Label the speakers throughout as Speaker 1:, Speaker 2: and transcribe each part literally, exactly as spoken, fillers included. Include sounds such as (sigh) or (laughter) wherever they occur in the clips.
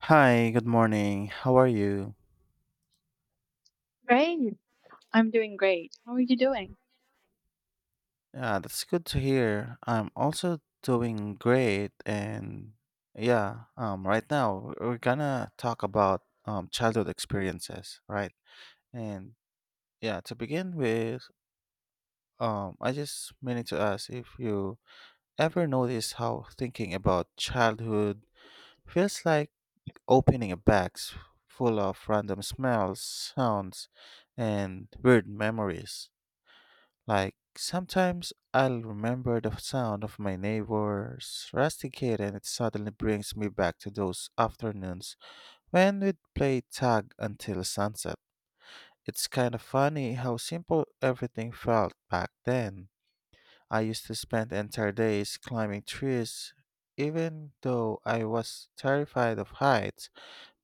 Speaker 1: Hi, good morning. How are you?
Speaker 2: Great. I'm doing great. How are you doing?
Speaker 1: Yeah, that's good to hear. I'm also doing great and yeah, um right now we're gonna talk about um childhood experiences, right? And yeah, to begin with, um I just meaning to ask if you ever notice how thinking about childhood feels like opening a box full of random smells, sounds, and weird memories. Like, sometimes I'll remember the sound of my neighbor's rusty kid and it suddenly brings me back to those afternoons when we'd play tag until sunset. It's kind of funny how simple everything felt back then. I used to spend entire days climbing trees, even though I was terrified of heights,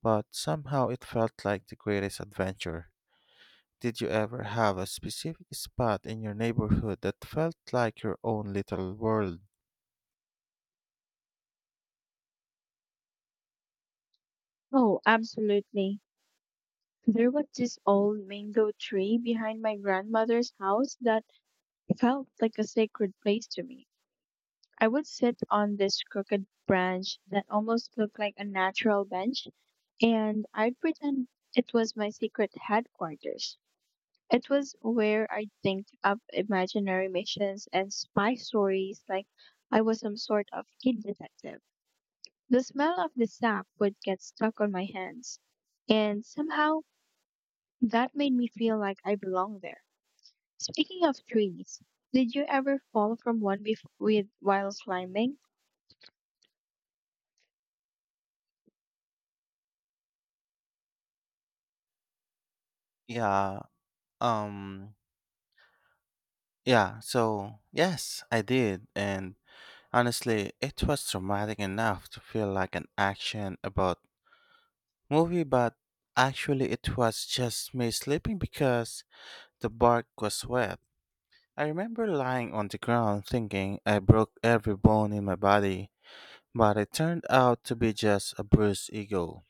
Speaker 1: but somehow it felt like the greatest adventure. Did you ever have a specific spot in your neighborhood that felt like your own little world?
Speaker 2: Oh, absolutely. There was this old mango tree behind my grandmother's house that felt like a sacred place to me. I would sit on this crooked branch that almost looked like a natural bench, and I'd pretend it was my secret headquarters. It was where I'd think up imaginary missions and spy stories like I was some sort of kid detective. The smell of the sap would get stuck on my hands, and somehow that made me feel like I belonged there. Speaking of trees, did you ever fall from one bef- with while climbing?
Speaker 1: Yeah, um, yeah, so yes, I did. And honestly, it was traumatic enough to feel like an action about movie, but actually it was just me sleeping because the bark was wet. I remember lying on the ground thinking I broke every bone in my body, but it turned out to be just a bruised ego.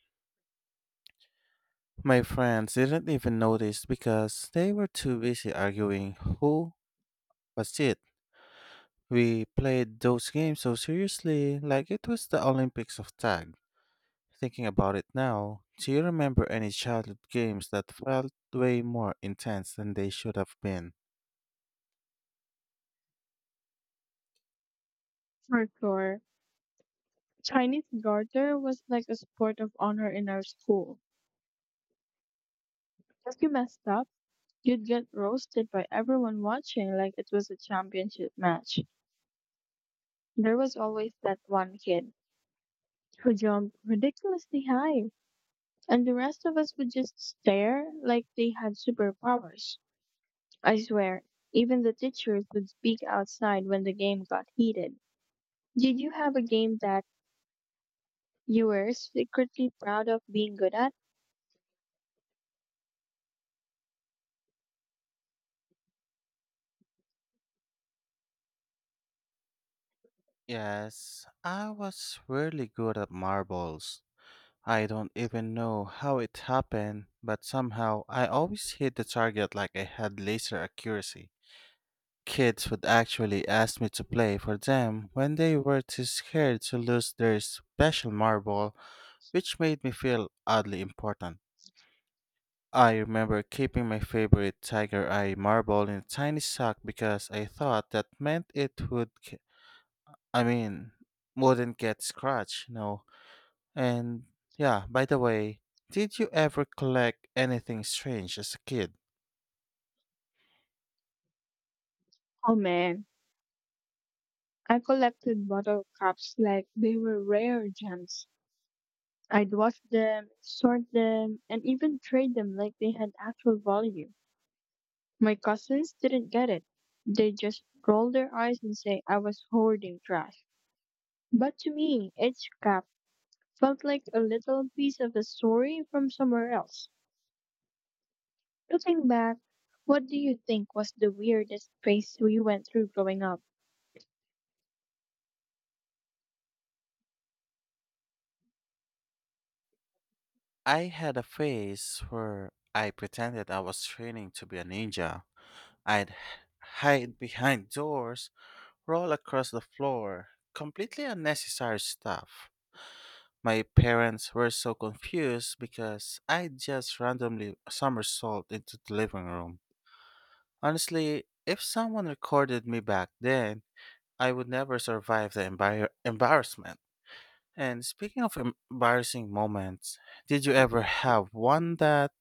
Speaker 1: My friends didn't even notice because they were too busy arguing who was it. We played those games so seriously, like it was the Olympics of tag. Thinking about it now, do you remember any childhood games that felt way more intense than they should have been?
Speaker 2: For sure. Chinese garter was like a sport of honor in our school. If you messed up, you'd get roasted by everyone watching like it was a championship match. There was always that one kid who jumped ridiculously high, and the rest of us would just stare like they had superpowers. I swear, even the teachers would speak outside when the game got heated. Did you have a game that you were secretly proud of being good at?
Speaker 1: Yes, I was really good at marbles. I don't even know how it happened, but somehow I always hit the target like I had laser accuracy. Kids would actually ask me to play for them when they were too scared to lose their special marble, which made me feel oddly important. I remember keeping my favorite tiger eye marble in a tiny sock because I thought that meant it would, ge- I mean, wouldn't get scratched. No. And yeah, by the way, did you ever collect anything strange as a kid?
Speaker 2: Oh man, I collected bottle caps like they were rare gems. I'd wash them, sort them, and even trade them like they had actual value. My cousins didn't get it. They just rolled their eyes and say I was hoarding trash. But to me, each cap felt like a little piece of a story from somewhere else. Looking back, what do you think was the weirdest phase we went through growing up?
Speaker 1: I had a phase where I pretended I was training to be a ninja. I'd hide behind doors, roll across the floor. Completely unnecessary stuff. My parents were so confused because I just randomly somersault into the living room. Honestly, if someone recorded me back then, I would never survive the embar- embarrassment. And speaking of em- embarrassing moments, did you ever have one that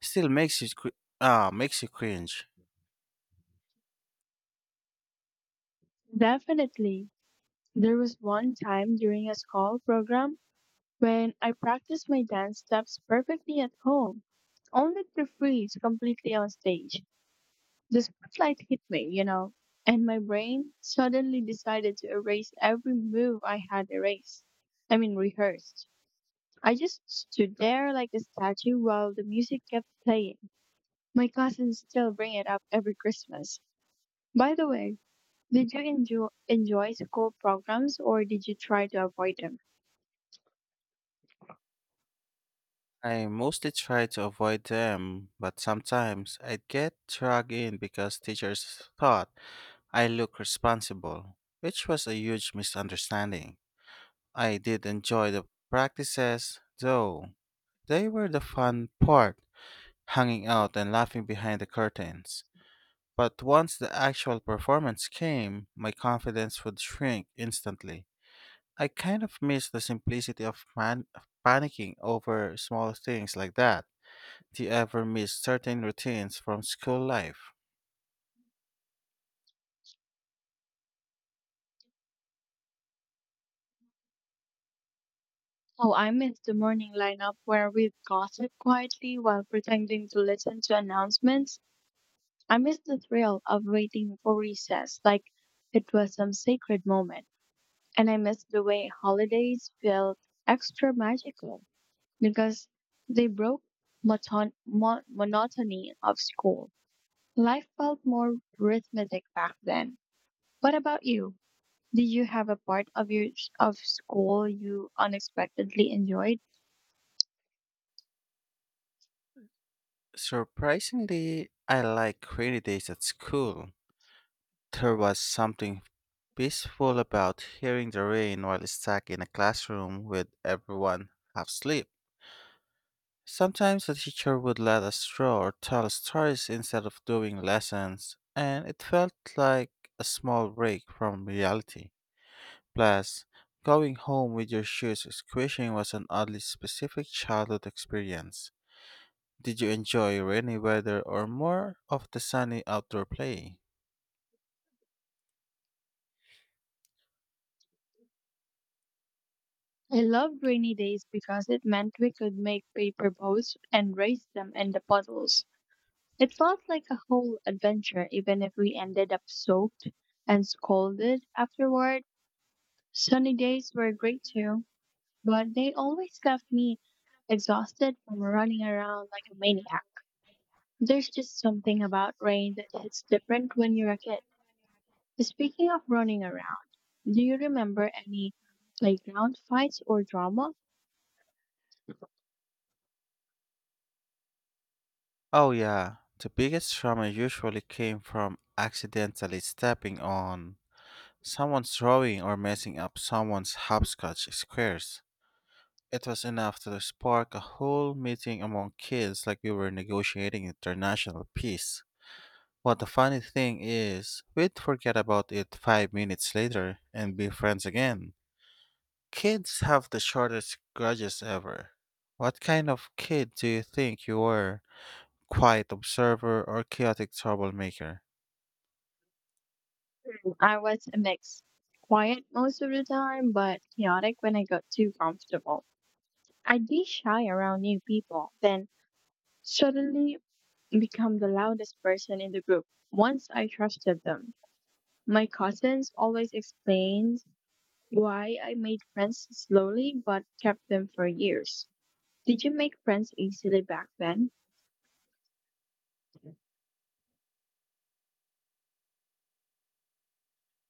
Speaker 1: still makes you cr- uh, makes you cringe?
Speaker 2: Definitely. There was one time during a school program when I practiced my dance steps perfectly at home, only to freeze completely on stage. The spotlight hit me, you know, and my brain suddenly decided to erase every move I had erased. I mean, rehearsed. I just stood there like a statue while the music kept playing. My cousins still bring it up every Christmas. By the way, did you enjoy, enjoy school programs or did you try to avoid them?
Speaker 1: I mostly try to avoid them, but sometimes I get dragged in because teachers thought I look responsible, which was a huge misunderstanding. I did enjoy the practices, though. They were the fun part, hanging out and laughing behind the curtains. But once the actual performance came, my confidence would shrink instantly. I kind of miss the simplicity of man- of panicking over small things like that. Do you ever miss certain routines from school life?
Speaker 2: Oh, I missed the morning lineup where we gossip quietly while pretending to listen to announcements. I missed the thrill of waiting for recess like it was some sacred moment. And I missed the way holidays felt extra magical, because they broke moton- mo- monotony of school. Life felt more rhythmic back then. What about you? Did you have a part of your of school you unexpectedly enjoyed?
Speaker 1: Surprisingly, I like rainy days at school. There was something peaceful about hearing the rain while stuck in a classroom with everyone half asleep. Sometimes the teacher would let us draw or tell stories instead of doing lessons, and it felt like a small break from reality. Plus, going home with your shoes squishing was an oddly specific childhood experience. Did you enjoy rainy weather or more of the sunny outdoor play?
Speaker 2: I loved rainy days because it meant we could make paper boats and race them in the puddles. It felt like a whole adventure, even if we ended up soaked and scolded afterward. Sunny days were great too, but they always left me exhausted from running around like a maniac. There's just something about rain that hits different when you're a kid. Speaking of running around, do you remember any playground fights or drama?
Speaker 1: Oh, yeah. The biggest trauma usually came from accidentally stepping on someone's drawing or messing up someone's hopscotch squares. It was enough to spark a whole meeting among kids like we were negotiating international peace. What the funny thing is, we'd forget about it five minutes later and be friends again. Kids have the shortest grudges ever. What kind of kid do you think you were? Quiet observer or chaotic troublemaker?
Speaker 2: Hmm, I was a mix. Quiet most of the time, but chaotic when I got too comfortable. I'd be shy around new people, then suddenly become the loudest person in the group once I trusted them. My cousins always explained why I made friends slowly but kept them for years. Did you make friends easily back then?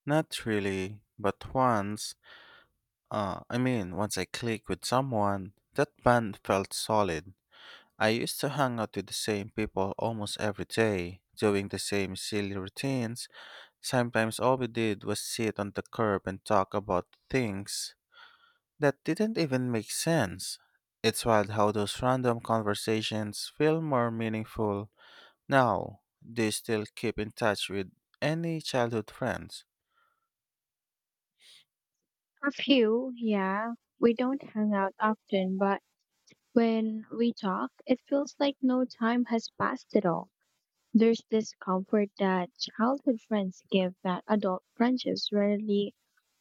Speaker 1: Not really, but once, uh, I mean, once I clicked with someone, that band felt solid. I used to hang out with the same people almost every day, doing the same silly routines. Sometimes all we did was sit on the curb and talk about things that didn't even make sense. It's wild how those random conversations feel more meaningful now. Do you still keep in touch with any childhood friends?
Speaker 2: A few, yeah. We don't hang out often, but when we talk, it feels like no time has passed at all. There's this comfort that childhood friends give that adult friendships rarely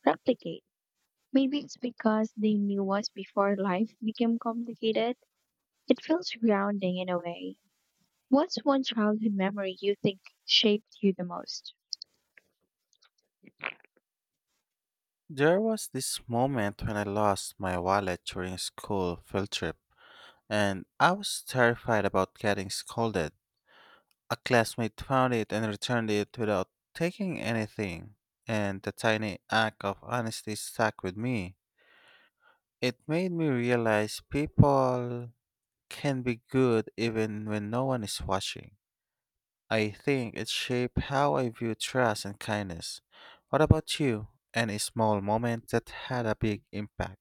Speaker 2: replicate. Maybe it's because they knew us before life became complicated. It feels grounding in a way. What's one childhood memory you think shaped you the most?
Speaker 1: There was this moment when I lost my wallet during a school field trip, and I was terrified about getting scolded. A classmate found it and returned it without taking anything, and the tiny act of honesty stuck with me. It made me realize people can be good even when no one is watching. I think it shaped how I view trust and kindness. What about you? Any small moment that had a big impact?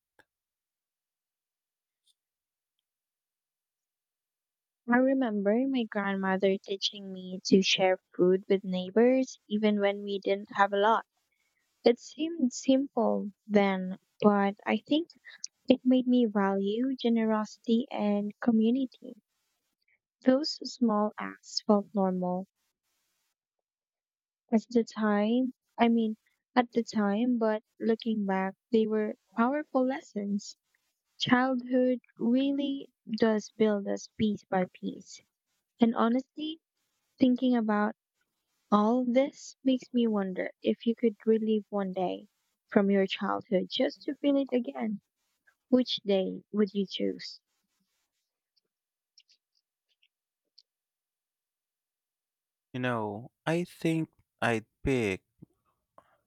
Speaker 2: I remember my grandmother teaching me to share food with neighbors even when we didn't have a lot. It seemed simple then, but I think it made me value generosity and community. Those small acts felt normal at the time. I mean, at the time, but looking back, they were powerful lessons. Childhood really does build us piece by piece. And honestly, thinking about all this makes me wonder if you could relive one day from your childhood just to feel it again. Which day would you choose?
Speaker 1: You know, I think I'd pick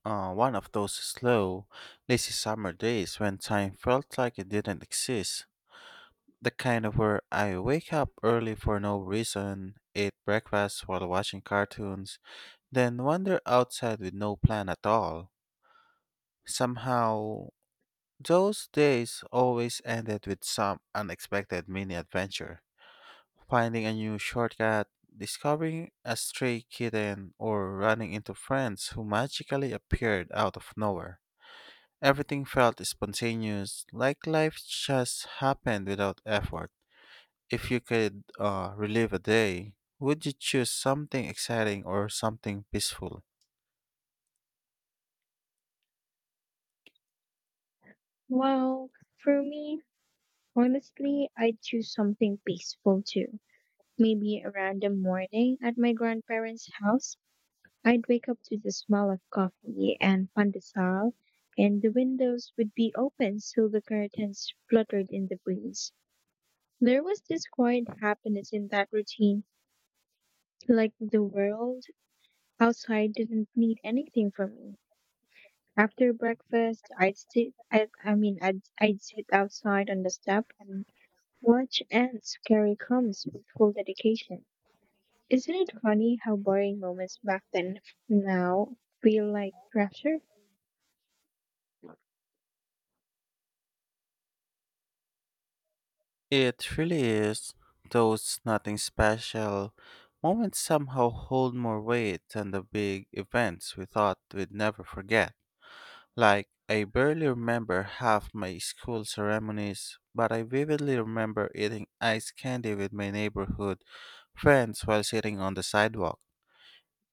Speaker 1: uh, one of those slow, lazy summer days when time felt like it didn't exist. The kind of where I wake up early for no reason, eat breakfast while watching cartoons, then wander outside with no plan at all. Somehow, those days always ended with some unexpected mini adventure. Finding a new shortcut, discovering a stray kitten, or running into friends who magically appeared out of nowhere. Everything felt spontaneous, like life just happened without effort. If you could uh, relive a day, would you choose something exciting or something peaceful?
Speaker 2: Well, for me, honestly, I'd choose something peaceful too. Maybe a random morning at my grandparents' house, I'd wake up to the smell of coffee and pandesal, and the windows would be open so the curtains fluttered in the breeze. There was this quiet happiness in that routine, like the world outside didn't need anything from me. After breakfast, I'd sit, I, I mean, I'd, I'd sit outside on the step and watch ants carry crumbs with full dedication. Isn't it funny how boring moments back then f- now feel like treasure?
Speaker 1: It really is. Those nothing special moments somehow hold more weight than the big events we thought we'd never forget. Like, I barely remember half my school ceremonies, but I vividly remember eating ice candy with my neighborhood friends while sitting on the sidewalk.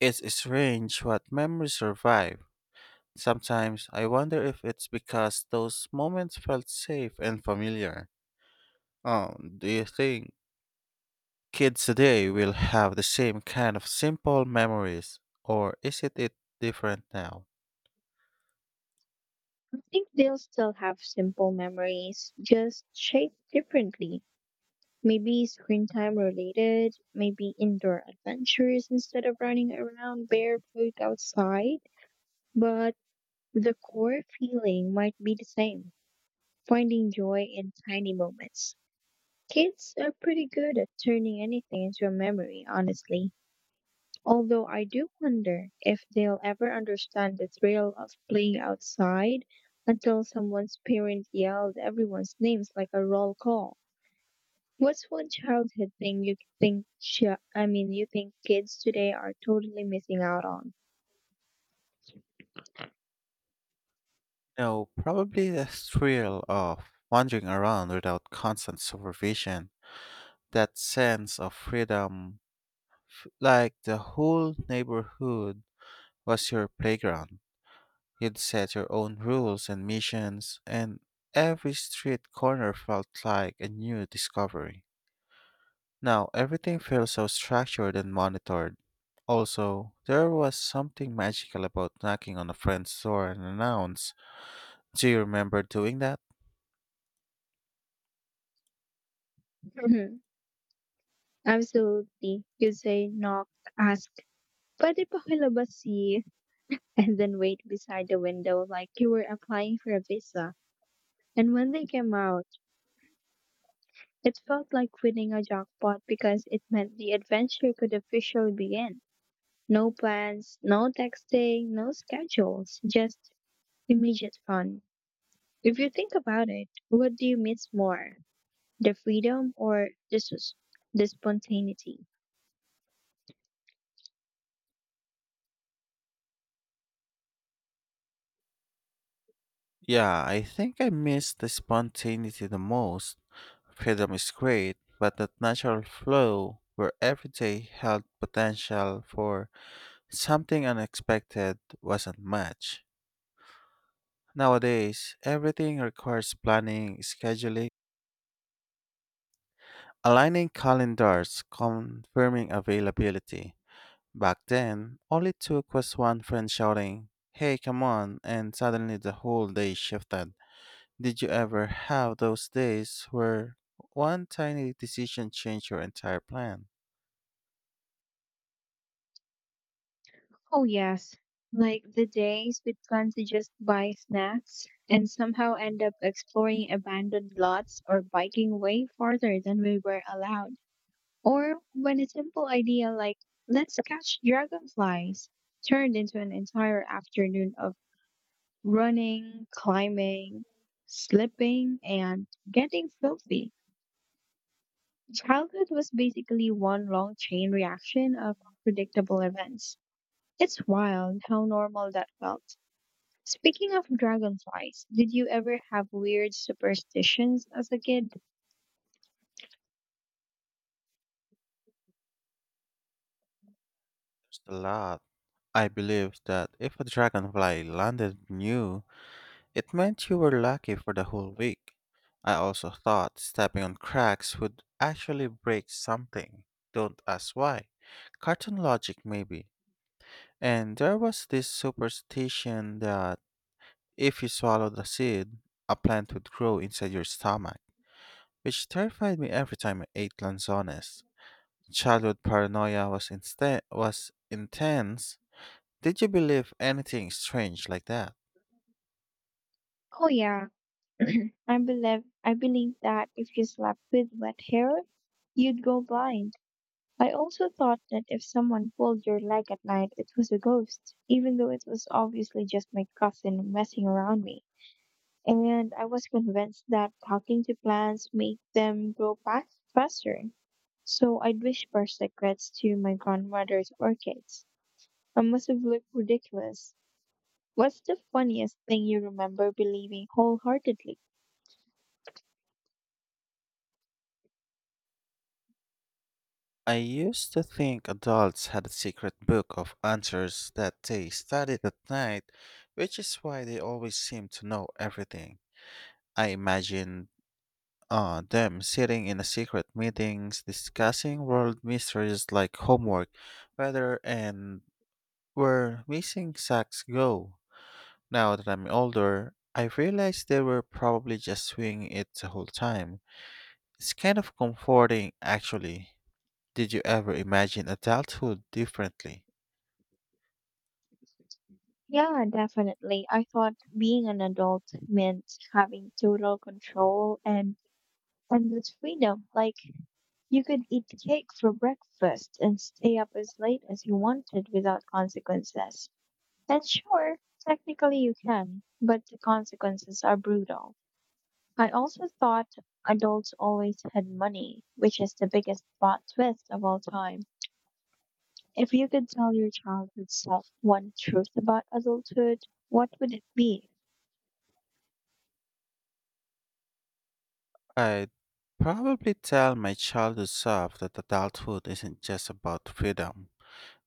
Speaker 1: It's strange what memories survive. Sometimes I wonder if it's because those moments felt safe and familiar. Um, do you think kids today will have the same kind of simple memories, or is it, it different now?
Speaker 2: I think they'll still have simple memories, just shaped differently. Maybe screen time related, maybe indoor adventures instead of running around barefoot outside, but the core feeling might be the same, finding joy in tiny moments. Kids are pretty good at turning anything into a memory, honestly. Although I do wonder if they'll ever understand the thrill of playing outside until someone's parent yelled everyone's names like a roll call. What's one childhood thing you think chi- I mean you think kids today are totally missing out on?
Speaker 1: No, probably the thrill of wandering around without constant supervision, that sense of freedom, like the whole neighborhood was your playground. You'd set your own rules and missions, and every street corner felt like a new discovery. Now, everything feels so structured and monitored. Also, there was something magical about knocking on a friend's door and announce. Do you remember doing that?
Speaker 2: Mhm. Absolutely. You say knock, ask, pwede pa kilabas si? And then wait beside the window like you were applying for a visa. And when they came out, it felt like winning a jackpot because it meant the adventure could officially begin. No plans, no texting, no schedules, just immediate fun. If you think about it, what do you miss more? The freedom or the sus- the spontaneity?
Speaker 1: Yeah, I think I miss the spontaneity the most. Freedom is great, but that natural flow where every day held potential for something unexpected wasn't much. Nowadays, everything requires planning, scheduling, aligning calendars, confirming availability. Back then, all it took was one friend shouting, "Hey, come on," and suddenly the whole day shifted. Did you ever have those days where one tiny decision changed your entire plan?
Speaker 2: Oh, yes. Like the days we planned to just buy snacks and somehow end up exploring abandoned lots or biking way farther than we were allowed. Or when a simple idea like, let's catch dragonflies, turned into an entire afternoon of running, climbing, slipping, and getting filthy. Childhood was basically one long chain reaction of unpredictable events. It's wild how normal that felt. Speaking of dragonflies, did you ever have weird superstitions as a kid?
Speaker 1: There's a lot. I believe that if a dragonfly landed new, it meant you were lucky for the whole week. I also thought stepping on cracks would actually break something. Don't ask why. Cartoon logic, maybe. And there was this superstition that if you swallowed a seed, a plant would grow inside your stomach, which terrified me every time I ate lanzones. Childhood paranoia was, insta- was intense. Did you believe anything strange like that?
Speaker 2: Oh, yeah. (clears throat) I believe I believe that if you slept with wet hair, you'd go blind. I also thought that if someone pulled your leg at night, it was a ghost, even though it was obviously just my cousin messing around me. And I was convinced that talking to plants made them grow back faster. So I'd whisper secrets to my grandmother's orchids. I must have looked ridiculous. What's the funniest thing you remember believing wholeheartedly?
Speaker 1: I used to think adults had a secret book of answers that they studied at night, which is why they always seem to know everything. I imagined uh, them sitting in a secret meetings discussing world mysteries like homework, weather, and where missing sacks go. Now that I'm older, I realize they were probably just swinging it the whole time. It's kind of comforting, actually. Did you ever imagine adulthood differently?
Speaker 2: Yeah, definitely. I thought being an adult meant having total control and endless freedom. Like, you could eat cake for breakfast and stay up as late as you wanted without consequences. And sure, technically you can, but the consequences are brutal. I also thought adults always had money, which is the biggest plot twist of all time. If you could tell your childhood self one truth about adulthood, what would it be?
Speaker 1: I'd probably tell my childhood self that adulthood isn't just about freedom.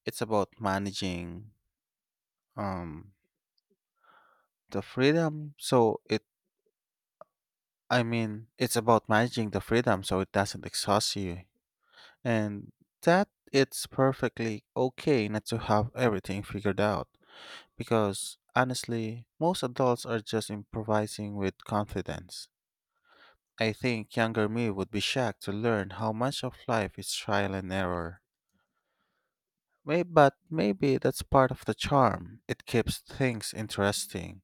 Speaker 1: It's about managing um the freedom so it I mean, it's about managing the freedom so it doesn't exhaust you. And that it's perfectly okay not to have everything figured out because honestly most adults are just improvising with confidence. I think younger me would be shocked to learn how much of life is trial and error. May, but maybe that's part of the charm. It keeps things interesting.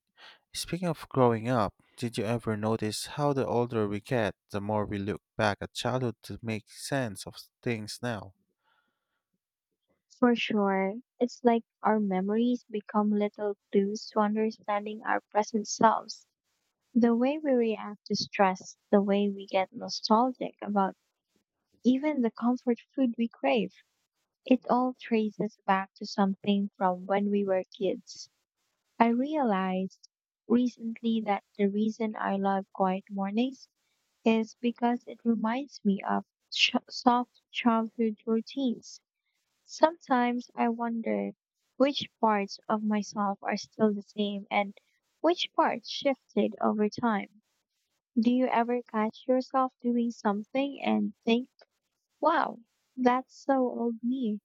Speaker 1: Speaking of growing up, did you ever notice how the older we get, the more we look back at childhood to make sense of things now?
Speaker 2: For sure, it's like our memories become little clues to understanding our present selves. The way we react to stress, the way we get nostalgic about, even the comfort food we crave, it all traces back to something from when we were kids. I realized recently that the reason I love quiet mornings is because it reminds me of ch- soft childhood routines. Sometimes I wonder which parts of myself are still the same and which parts shifted over time. Do you ever catch yourself doing something and think, wow, that's so old me?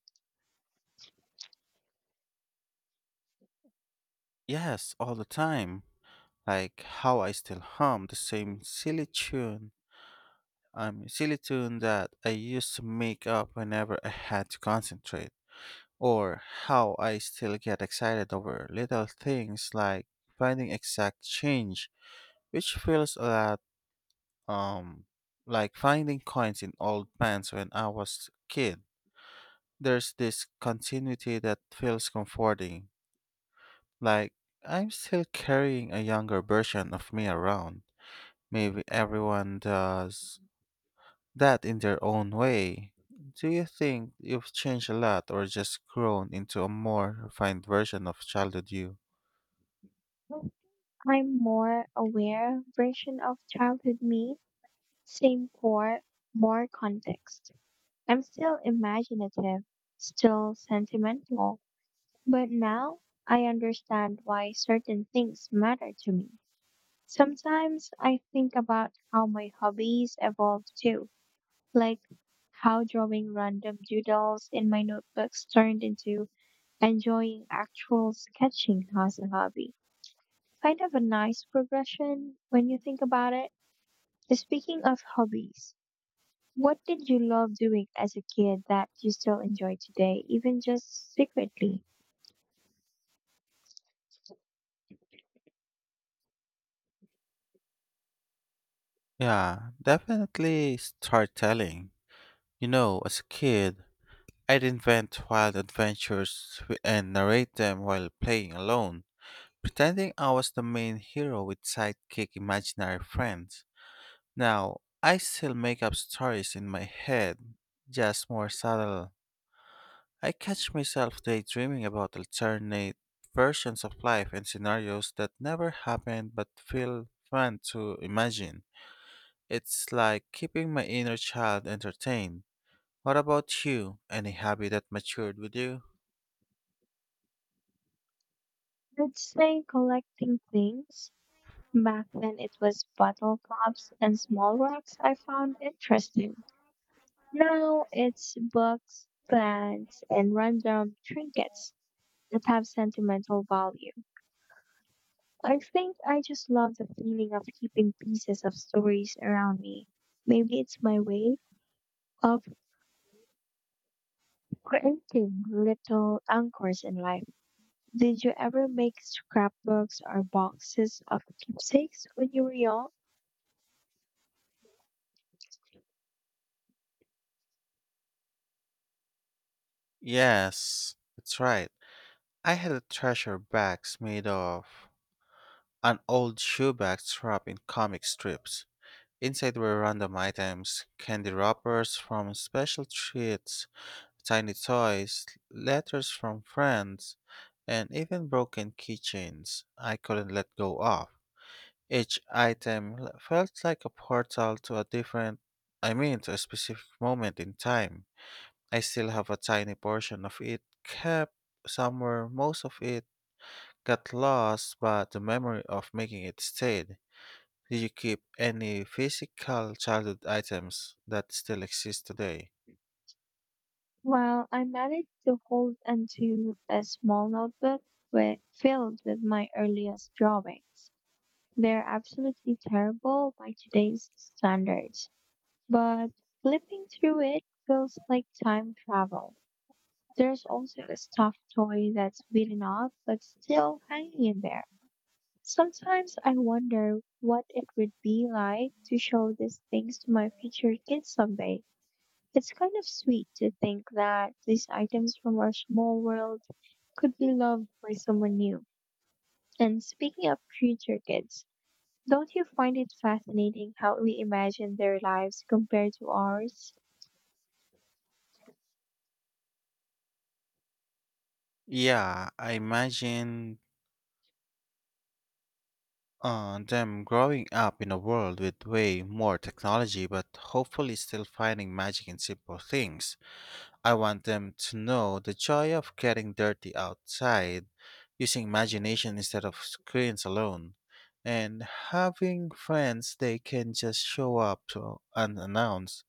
Speaker 1: Yes, all the time. Like how I still hum the same silly tune, um, silly tune that I used to make up whenever I had to concentrate. Or how I still get excited over little things like finding exact change, which feels a lot um like finding coins in old pants when I was a kid. There's this continuity that feels comforting, like I'm still carrying a younger version of me around. Maybe everyone does that in their own way. Do you think you've changed a lot or just grown into a more refined version of childhood you?
Speaker 2: I'm more aware version of childhood me. Same core, more context. I'm still imaginative, still sentimental, but now I understand why certain things matter to me. Sometimes I think about how my hobbies evolved too, like how drawing random doodles in my notebooks turned into enjoying actual sketching as a hobby. Kind of a nice progression when you think about it. Speaking of hobbies, what did you love doing as a kid that you still enjoy today, even just secretly?
Speaker 1: Yeah, definitely storytelling. You know, as a kid, I'd invent wild adventures w- and narrate them while playing alone, pretending I was the main hero with sidekick imaginary friends. Now, I still make up stories in my head, just more subtle. I catch myself daydreaming about alternate versions of life and scenarios that never happened but feel fun to imagine. It's like keeping my inner child entertained. What about you? Any hobby that matured with you?
Speaker 2: I'd say collecting things. Back then it was bottle caps and small rocks I found interesting. Now it's books, plants, and random trinkets that have sentimental value. I think I just love the feeling of keeping pieces of stories around me. Maybe it's my way of creating little anchors in life. Did you ever make scrapbooks or boxes of keepsakes when you were young?
Speaker 1: Yes, that's right. I had a treasure box made of an old shoe bag wrapped in comic strips. Inside were random items, candy wrappers from special treats, tiny toys, letters from friends, and even broken keychains I couldn't let go of. Each item l- felt like a portal to a different, I mean, to a specific moment in time. I still have a tiny portion of it kept somewhere. Most of it got lost, but the memory of making it stayed. Do you keep any physical childhood items that still exist today?
Speaker 2: Well, I managed to hold onto a small notebook with, filled with my earliest drawings. They're absolutely terrible by today's standards, but flipping through it feels like time travel. There's also a stuffed toy that's beaten up but still hanging in there. Sometimes I wonder what it would be like to show these things to my future kids someday. It's kind of sweet to think that these items from our small world could be loved by someone new. And speaking of future kids, don't you find it fascinating how we imagine their lives compared to ours?
Speaker 1: Yeah, I imagine uh, them growing up in a world with way more technology, but hopefully still finding magic in simple things. I want them to know the joy of getting dirty outside, using imagination instead of screens alone, and having friends they can just show up to unannounced.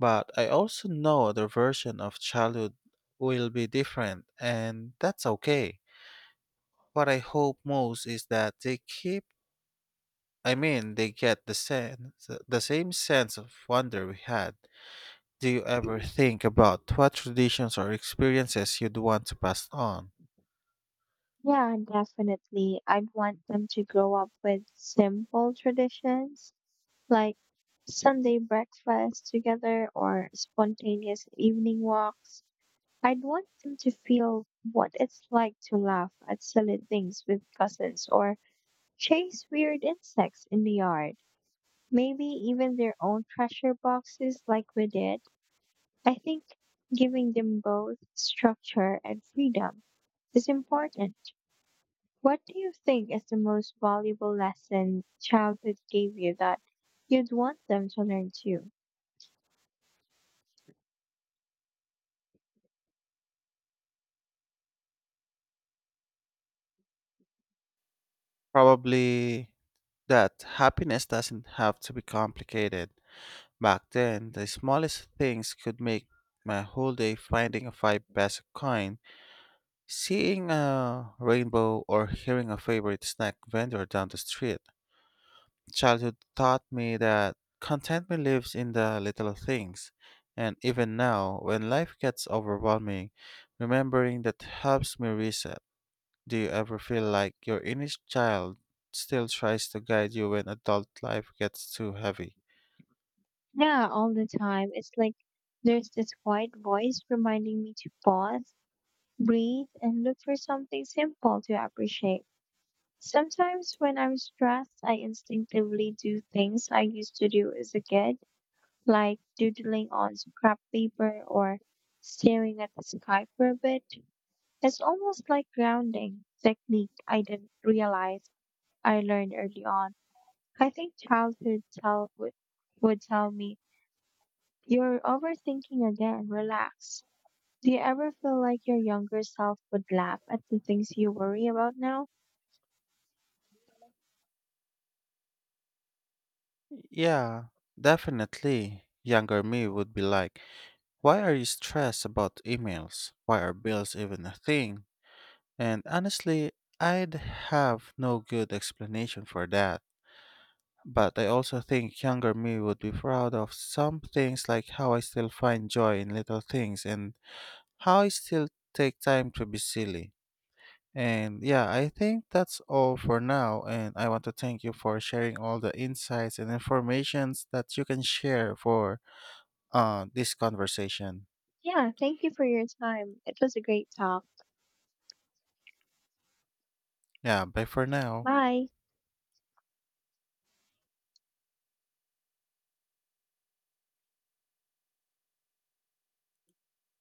Speaker 1: But I also know their version of childhood will be different, and that's okay. What I hope most is that they keep, I mean, they get the sense, the same sense of wonder we had. Do you ever think about what traditions or experiences you'd want to pass on?
Speaker 2: Yeah, definitely. I'd want them to grow up with simple traditions like Sunday breakfast together or spontaneous evening walks. I'd want them to feel what it's like to laugh at silly things with cousins or chase weird insects in the yard. Maybe even their own treasure boxes like we did. I think giving them both structure and freedom is important. What do you think is the most valuable lesson childhood gave you that you'd want them to learn too?
Speaker 1: Probably that happiness doesn't have to be complicated. Back then, the smallest things could make my whole day finding a five peso coin, seeing a rainbow, or hearing a favorite snack vendor down the street. Childhood taught me that contentment lives in the little things. And even now, when life gets overwhelming, remembering that helps me reset. Do you ever feel like your inner child still tries to guide you when adult life gets too heavy?
Speaker 2: Yeah, all the time. It's like there's this quiet voice reminding me to pause, breathe, and look for something simple to appreciate. Sometimes when I'm stressed, I instinctively do things I used to do as a kid, like doodling on scrap paper or staring at the sky for a bit. It's almost like grounding technique I didn't realize I learned early on. I think childhood tell would, would tell me, you're overthinking again. Relax. Do you ever feel like your younger self would laugh at the things you worry about now?
Speaker 1: Yeah, definitely. Younger me would be like, "Why are you stressed about emails? Why are bills even a thing?" And honestly, I'd have no good explanation for that. But I also think younger me would be proud of some things like how I still find joy in little things and how I still take time to be silly. And yeah, I think that's all for now. And I want to thank you for sharing all the insights and informations that you can share for uh, this conversation.
Speaker 2: Yeah, thank you for your time. It was a great talk.
Speaker 1: Yeah, bye for now.
Speaker 2: Bye.